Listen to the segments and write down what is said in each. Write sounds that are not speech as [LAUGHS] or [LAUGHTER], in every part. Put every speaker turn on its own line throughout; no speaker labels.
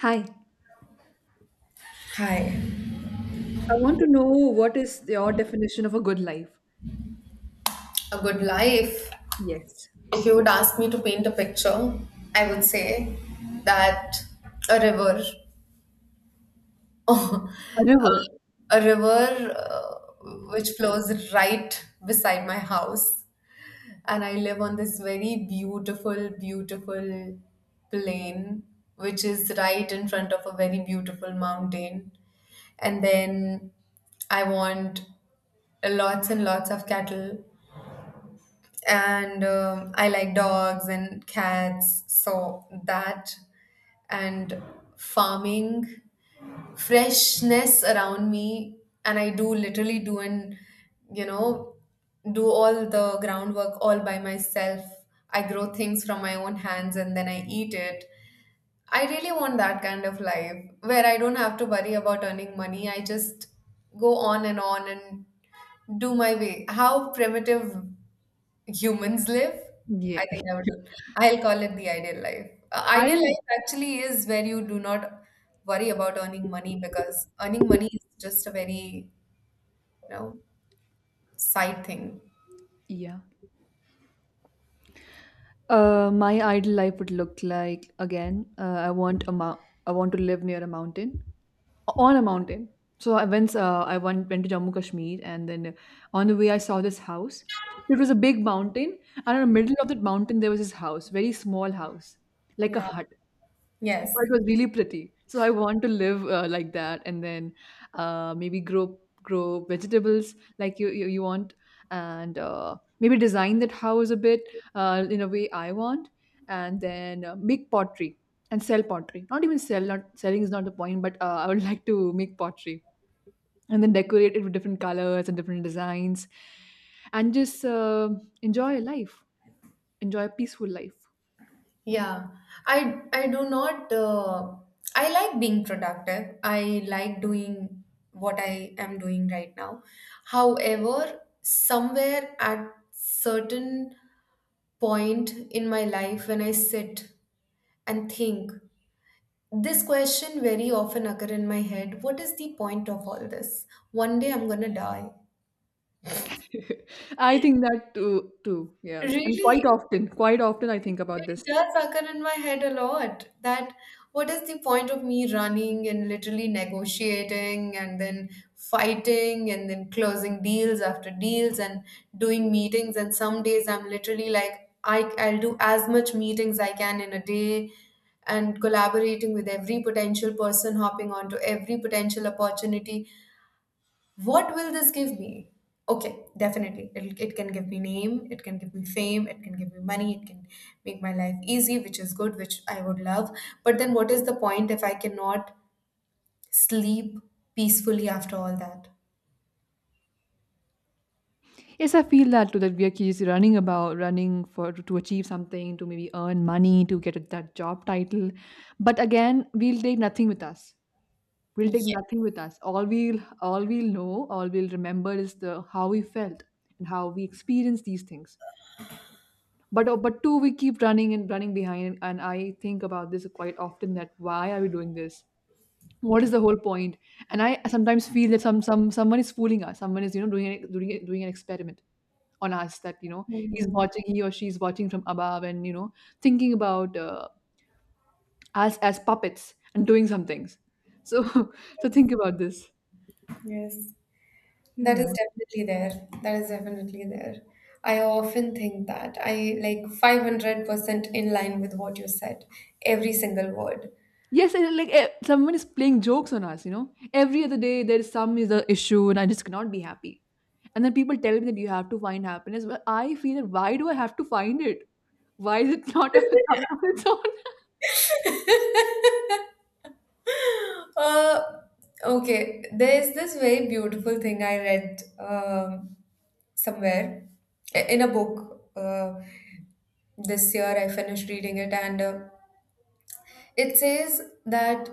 Hi.
Hi,
I want to know what is your definition of a good life?
a good life.
Yes.
If you would ask me to paint a picture, I would say that a river, [LAUGHS]
A
a
river.
river which flows right beside my house, and I live on this very beautiful, beautiful plain which is right in front of a very beautiful mountain. And then I want lots and lots of cattle and I like dogs and cats, so that and farming, freshness around me, and I do literally do and you know do all the groundwork all by myself. I grow things from my own hands and then I eat it. I really want that kind of life where I don't have to worry about earning money. I just go on and do my way. How primitive humans live. I
Yeah.
think I would. I'll call it the ideal life.
I
Ideal life actually is where you do not worry about earning money because earning money is just a very, you know, side thing.
yeah. My ideal life would look like again. I want a I want to live near a mountain, on a mountain. I went to Jammu Kashmir, and then on the way I saw this house. It was a big mountain, and in the middle of that mountain there was this house, very small house, like a
Yeah.
hut.
Yes.
But it was really pretty. So I want to live like that, and then maybe grow vegetables like you want, and maybe design that house a bit in a way I want, and then make pottery and sell pottery. Not even sell. Not selling is not the point, but I would [LAUGHS] like to make pottery and then decorate it with different colors and different designs, and just enjoy life, enjoy a peaceful life.
Yeah. I do not. I like being productive. I like doing what I am doing right now. However, somewhere at certain point in my life when I sit and think, this question very often occur in my head. What is the point of all this? One day I'm gonna die.
[LAUGHS] I think that too. Yeah. And
Really,
quite often I think about
it
this.
does occur in my head a lot that what is the point of me running and literally negotiating and then fighting and then closing deals after deals and doing meetings, and some days I'm literally like I'll do as much meetings I can in a day and collaborating with every potential person, hopping onto every potential opportunity. What will this give me? Okay, definitely. It can give me name, it can give me fame, it can give me money, it can make my life easy, which is good, which I would love. But then what is the point if I cannot sleep peacefully after all that?
Yes, I feel that too. That we are keys running about, running for to achieve something, to maybe earn money, to get that job title. But again, we'll take nothing with us. We'll
Yeah.
take nothing with us. All we'll know, all we'll remember is the how we felt and how we experienced these things. But two, we keep running and running behind. And I think about this quite often. That why are we doing this? What is the whole point? And I sometimes feel that someone is fooling us, someone is, you know, doing doing doing an experiment on us. That, you know, he's
Mm,
watching, he or she's watching from above, and, you know, thinking about us as puppets and doing some things. So [LAUGHS] so think about this.
yes. That
Yeah.
is definitely there. That is definitely there. I often think that. I like 500% in line with what you said, every single word.
Yes. And like someone is playing jokes on us, you know. Every other day there is some, is a issue, and I just cannot be happy. And then people tell me that you have to find happiness, but I feel that why do I have to find it? Why is it not [LAUGHS] a come on its own? [LAUGHS]
Uh, okay. There's this very beautiful thing I read somewhere, in a book. This year I finished reading it, and it says that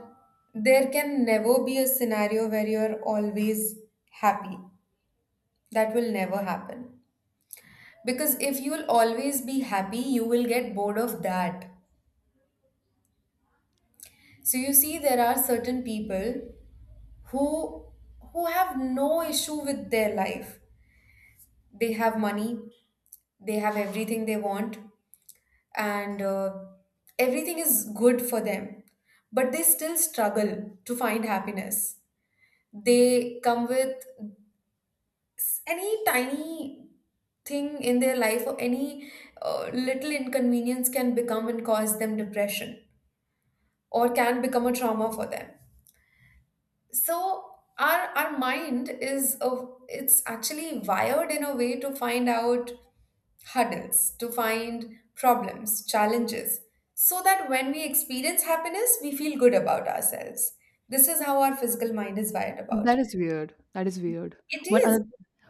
there can never be a scenario where you're always happy. That will never happen. Because if you'll always be happy, you will get bored of that. So you see, there are certain people who have no issue with their life, they have money, they have everything they want, and everything is good for them, but they still struggle to find happiness. They come with any tiny thing in their life, or any little inconvenience can become and cause them depression or can become a trauma for them. So our mind is a, it's actually wired in a way to find out hurdles, to find problems, challenges, so that when we experience happiness we feel good about ourselves. This is how our physical mind is wired about.
That is weird. That is weird.
It
One
is.
other,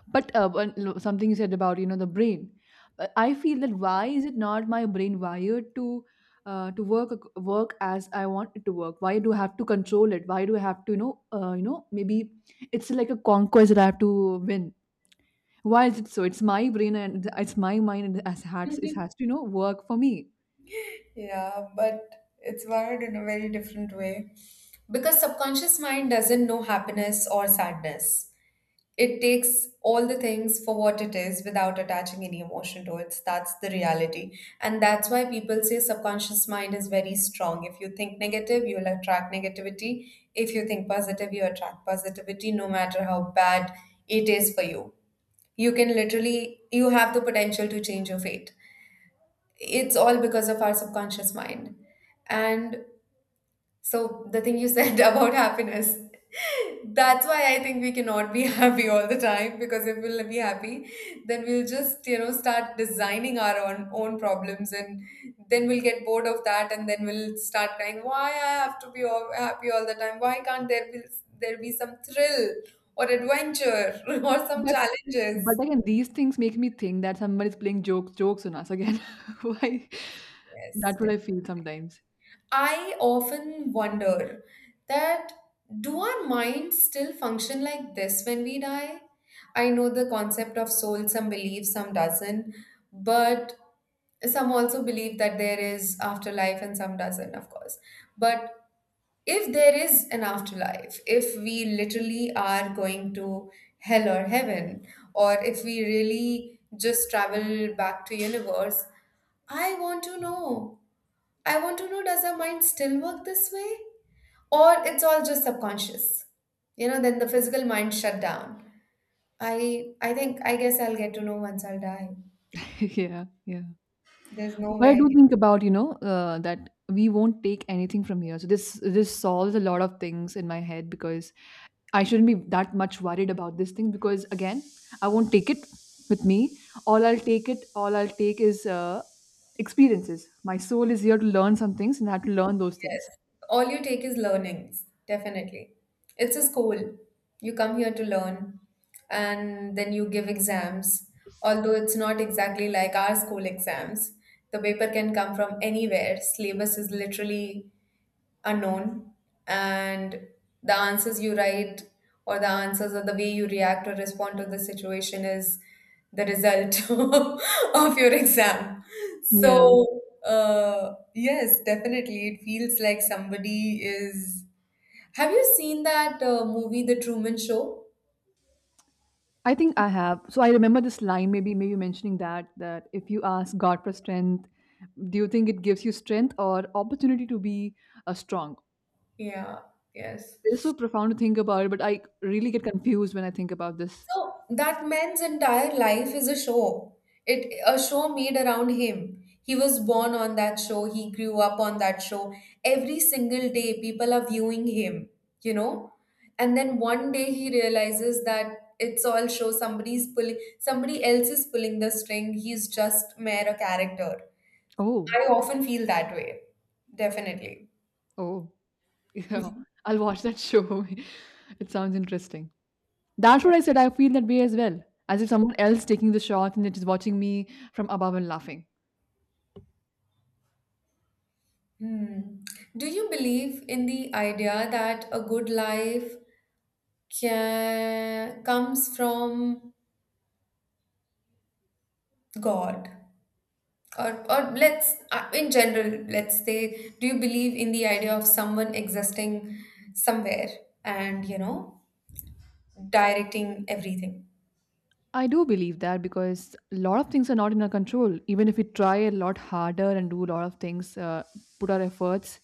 but one, something you said about, you know, the brain. I feel that why is it not my brain wired to work work as I want it to work? Why do I have to control it? Why do I have to, you know, maybe it's like a conquest that I have to win. Why is it so? It's my brain and it's my mind, and it has to, you know, work for me.
[LAUGHS] Yeah, but it's wired in a very different way, because subconscious mind doesn't know happiness or sadness. It takes all the things for what it is without attaching any emotion to it. That's the reality. And that's why people say subconscious mind is very strong. If you think negative, you'll attract negativity. If you think positive, you attract positivity, no matter how bad it is for you. You can literally, you have the potential to change your fate. It's all because of our subconscious mind. And so the thing you said [LAUGHS] about happiness, that's why I think we cannot be [LAUGHS] happy all the time, because if we'll be happy, then we'll just, you know, start designing our own problems, and then we'll get bored of that, and then we'll start crying, why I have to be all, happy all the time? Why can't there be some thrill or adventure [LAUGHS] or some
But but
challenges?
again, these things make me think that somebody's playing jokes on us again. [LAUGHS] Why?
Yes,
That's what I feel sometimes.
I often wonder that do our minds still function like this when we die? I know the concept of soul, some believe, some doesn't, but some also believe that there is afterlife and some doesn't, of course. But if there is an afterlife, if we literally are going to hell or heaven, or if we really just travel back to universe, I want to know, does our mind still work this way? Or it's all just subconscious? You know, then the physical mind shut down. I think I guess I'll get to know once I'll die.
[LAUGHS] Yeah, yeah.
There's no
But
way
I
I can.
do think about, you know, that we won't take anything from here. So this solves a lot of things in my head, because I shouldn't be that much worried about this thing, because again, I won't take it with me. All I'll take is experiences. My soul is here to learn some things and I have to learn those things.
All you take is learnings, definitely. It's a school. You come here to learn and then you give exams. Although it's not exactly like our school exams. The paper can come from anywhere. Syllabus is literally unknown, and the answers you write, or the answers, or the way you react or respond to the situation is the result [LAUGHS] of your exam. So
Yeah.
yes, definitely it feels like somebody is. Have you seen that movie, The Truman Show?
I think I have. So I remember this line, maybe mentioning that if you ask God for strength, do you think it gives you strength or opportunity to be strong?
Yeah, yes.
It's so profound to think about it, but I really get confused when I think about this.
So that man's entire life is a show. It a show made around him. He was born on that show, he grew up on that show. Every single day people are viewing him, you know? And then one day he realizes that it's all show, somebody else is pulling the string, he's just mere a character.
Oh,
I often feel that way. Definitely.
oh, [LAUGHS] yeah. I'll watch that show. [LAUGHS] It sounds interesting. That's
Yeah.
what I said. I feel that way as well, as if someone else taking the shot and it is watching me from above and laughing.
Hmm. Do you believe in the idea that a good life can, comes from God? Or let's, in general, let's say, do you believe in the idea of someone existing somewhere and, you know, directing everything?
I do believe that, because a lot of things are not in our control. Even if we try a lot harder and do a lot of things, put our efforts,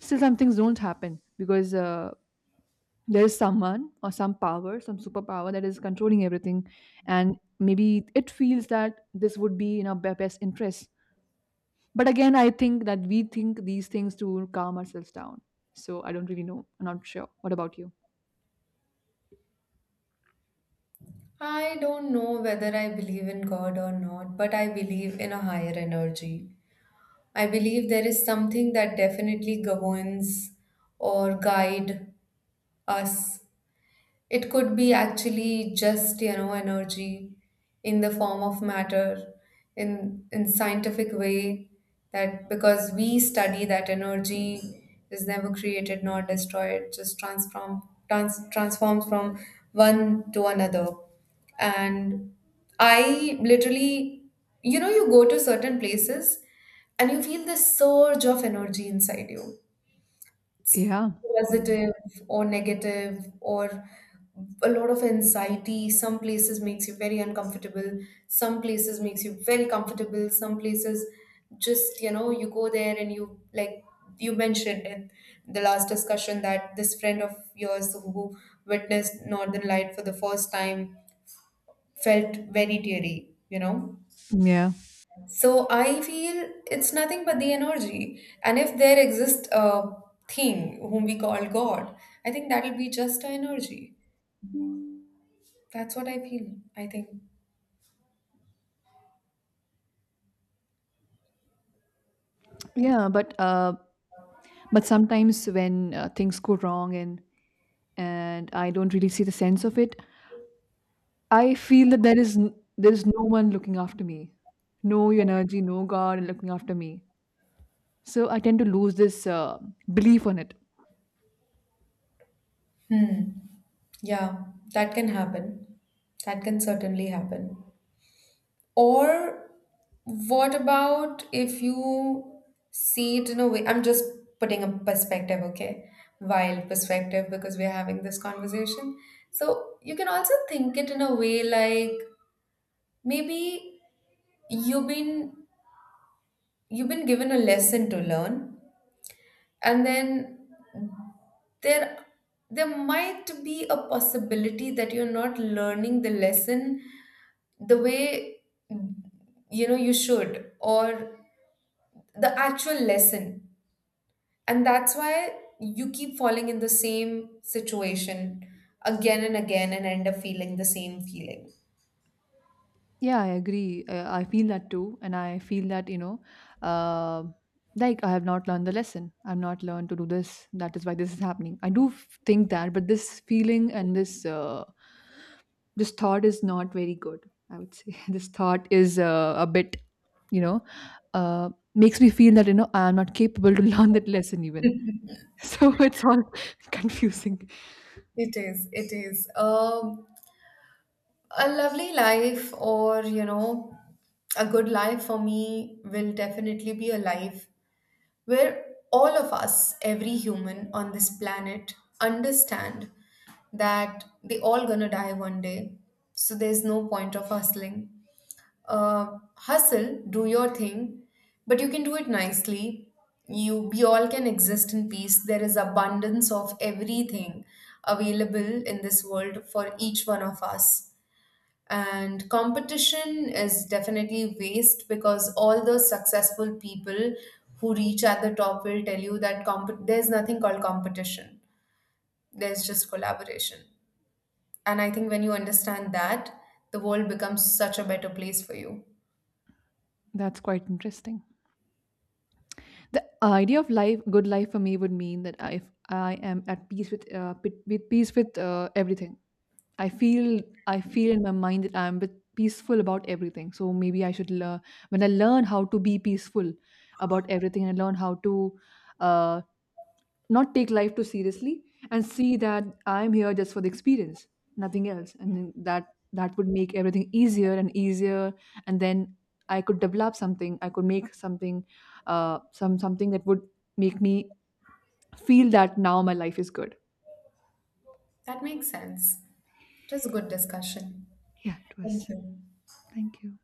still some things don't happen because there is someone or some power, some superpower that is controlling everything. And maybe it feels that this would be in our best interest. But again, I think that we think these things to calm ourselves down. So I don't really know. I'm not sure. What about you?
I don't know whether I believe in God or not, but I believe in a higher energy. I believe there is something that definitely governs or guide us. It could be actually just, you know, energy in the form of matter, in scientific way, that because we study that energy is never created nor destroyed, just transform, transforms from one to another. And I literally, you know, you go to certain places and you feel this surge of energy inside you.
Yeah. Yeah.
Positive or negative or a lot of anxiety. Some places makes you very uncomfortable. Some places makes you very comfortable. Some places just, you know, you go there and you like you mentioned in the last discussion that this friend of yours who witnessed Northern Light for the first time felt very teary, you know?
Yeah.
So I feel it's nothing but the energy. And if there exists a thing whom we call God, I think that'll be just a energy. That's what I feel, I think.
Yeah, but sometimes when things go wrong, and I don't really see the sense of it, I feel that there is there is no one looking after me, no energy, no god looking after me. So I tend to lose this belief on it.
Hmm. Yeah, that can happen. That can certainly happen. Or what about if you see it in a way? I'm just putting a perspective, okay? Wild perspective because we're having this conversation. So you can also think it in a way like maybe you've been you've been given a lesson to learn, and then there there might be a possibility that you're not learning the lesson the way, you know, you should, or the actual lesson, and that's why you keep falling in the same situation again and again and end up feeling the same feeling.
Yeah, I agree. I feel that too, and I feel that, you know, uh, like I have not learned the lesson, I've not learned to do this, that is why this is happening. I do think that. But this feeling and this this thought is not very good, I would say. [LAUGHS] This thought is a bit, you know, uh, makes me feel that, you know, I'm not capable to [LAUGHS] learn that lesson even. [LAUGHS] So it's all [LAUGHS] confusing.
It is, it is. A lovely life, or you know, a good life for me will definitely be a life where all of us, every human on this planet, understand that they all gonna die one day. So there's no point of hustling. Hustle, do your thing, but you can do it nicely. You we all can exist in peace. There is abundance of everything available in this world for each one of us, and competition is definitely waste, because all those successful people who reach at the top will tell you that there's nothing called competition, there's just collaboration. And I think when you understand that, the world becomes such a better place for you.
That's quite interesting. The idea of life, good life for me would mean that if I am at peace with with peace with everything. i feel I feel in my mind that I'm bit peaceful about everything. So maybe I should learn, when I learn how to be peaceful about everything, and learn how to uh, not take life too seriously, and see that I'm here just for the experience, nothing else, and then that would make everything easier and easier. And then I could develop something, I could make something, something that would make me feel that now my life is good.
That makes sense. It was a good discussion.
Yeah, it
Thank
was.
you.
Thank you.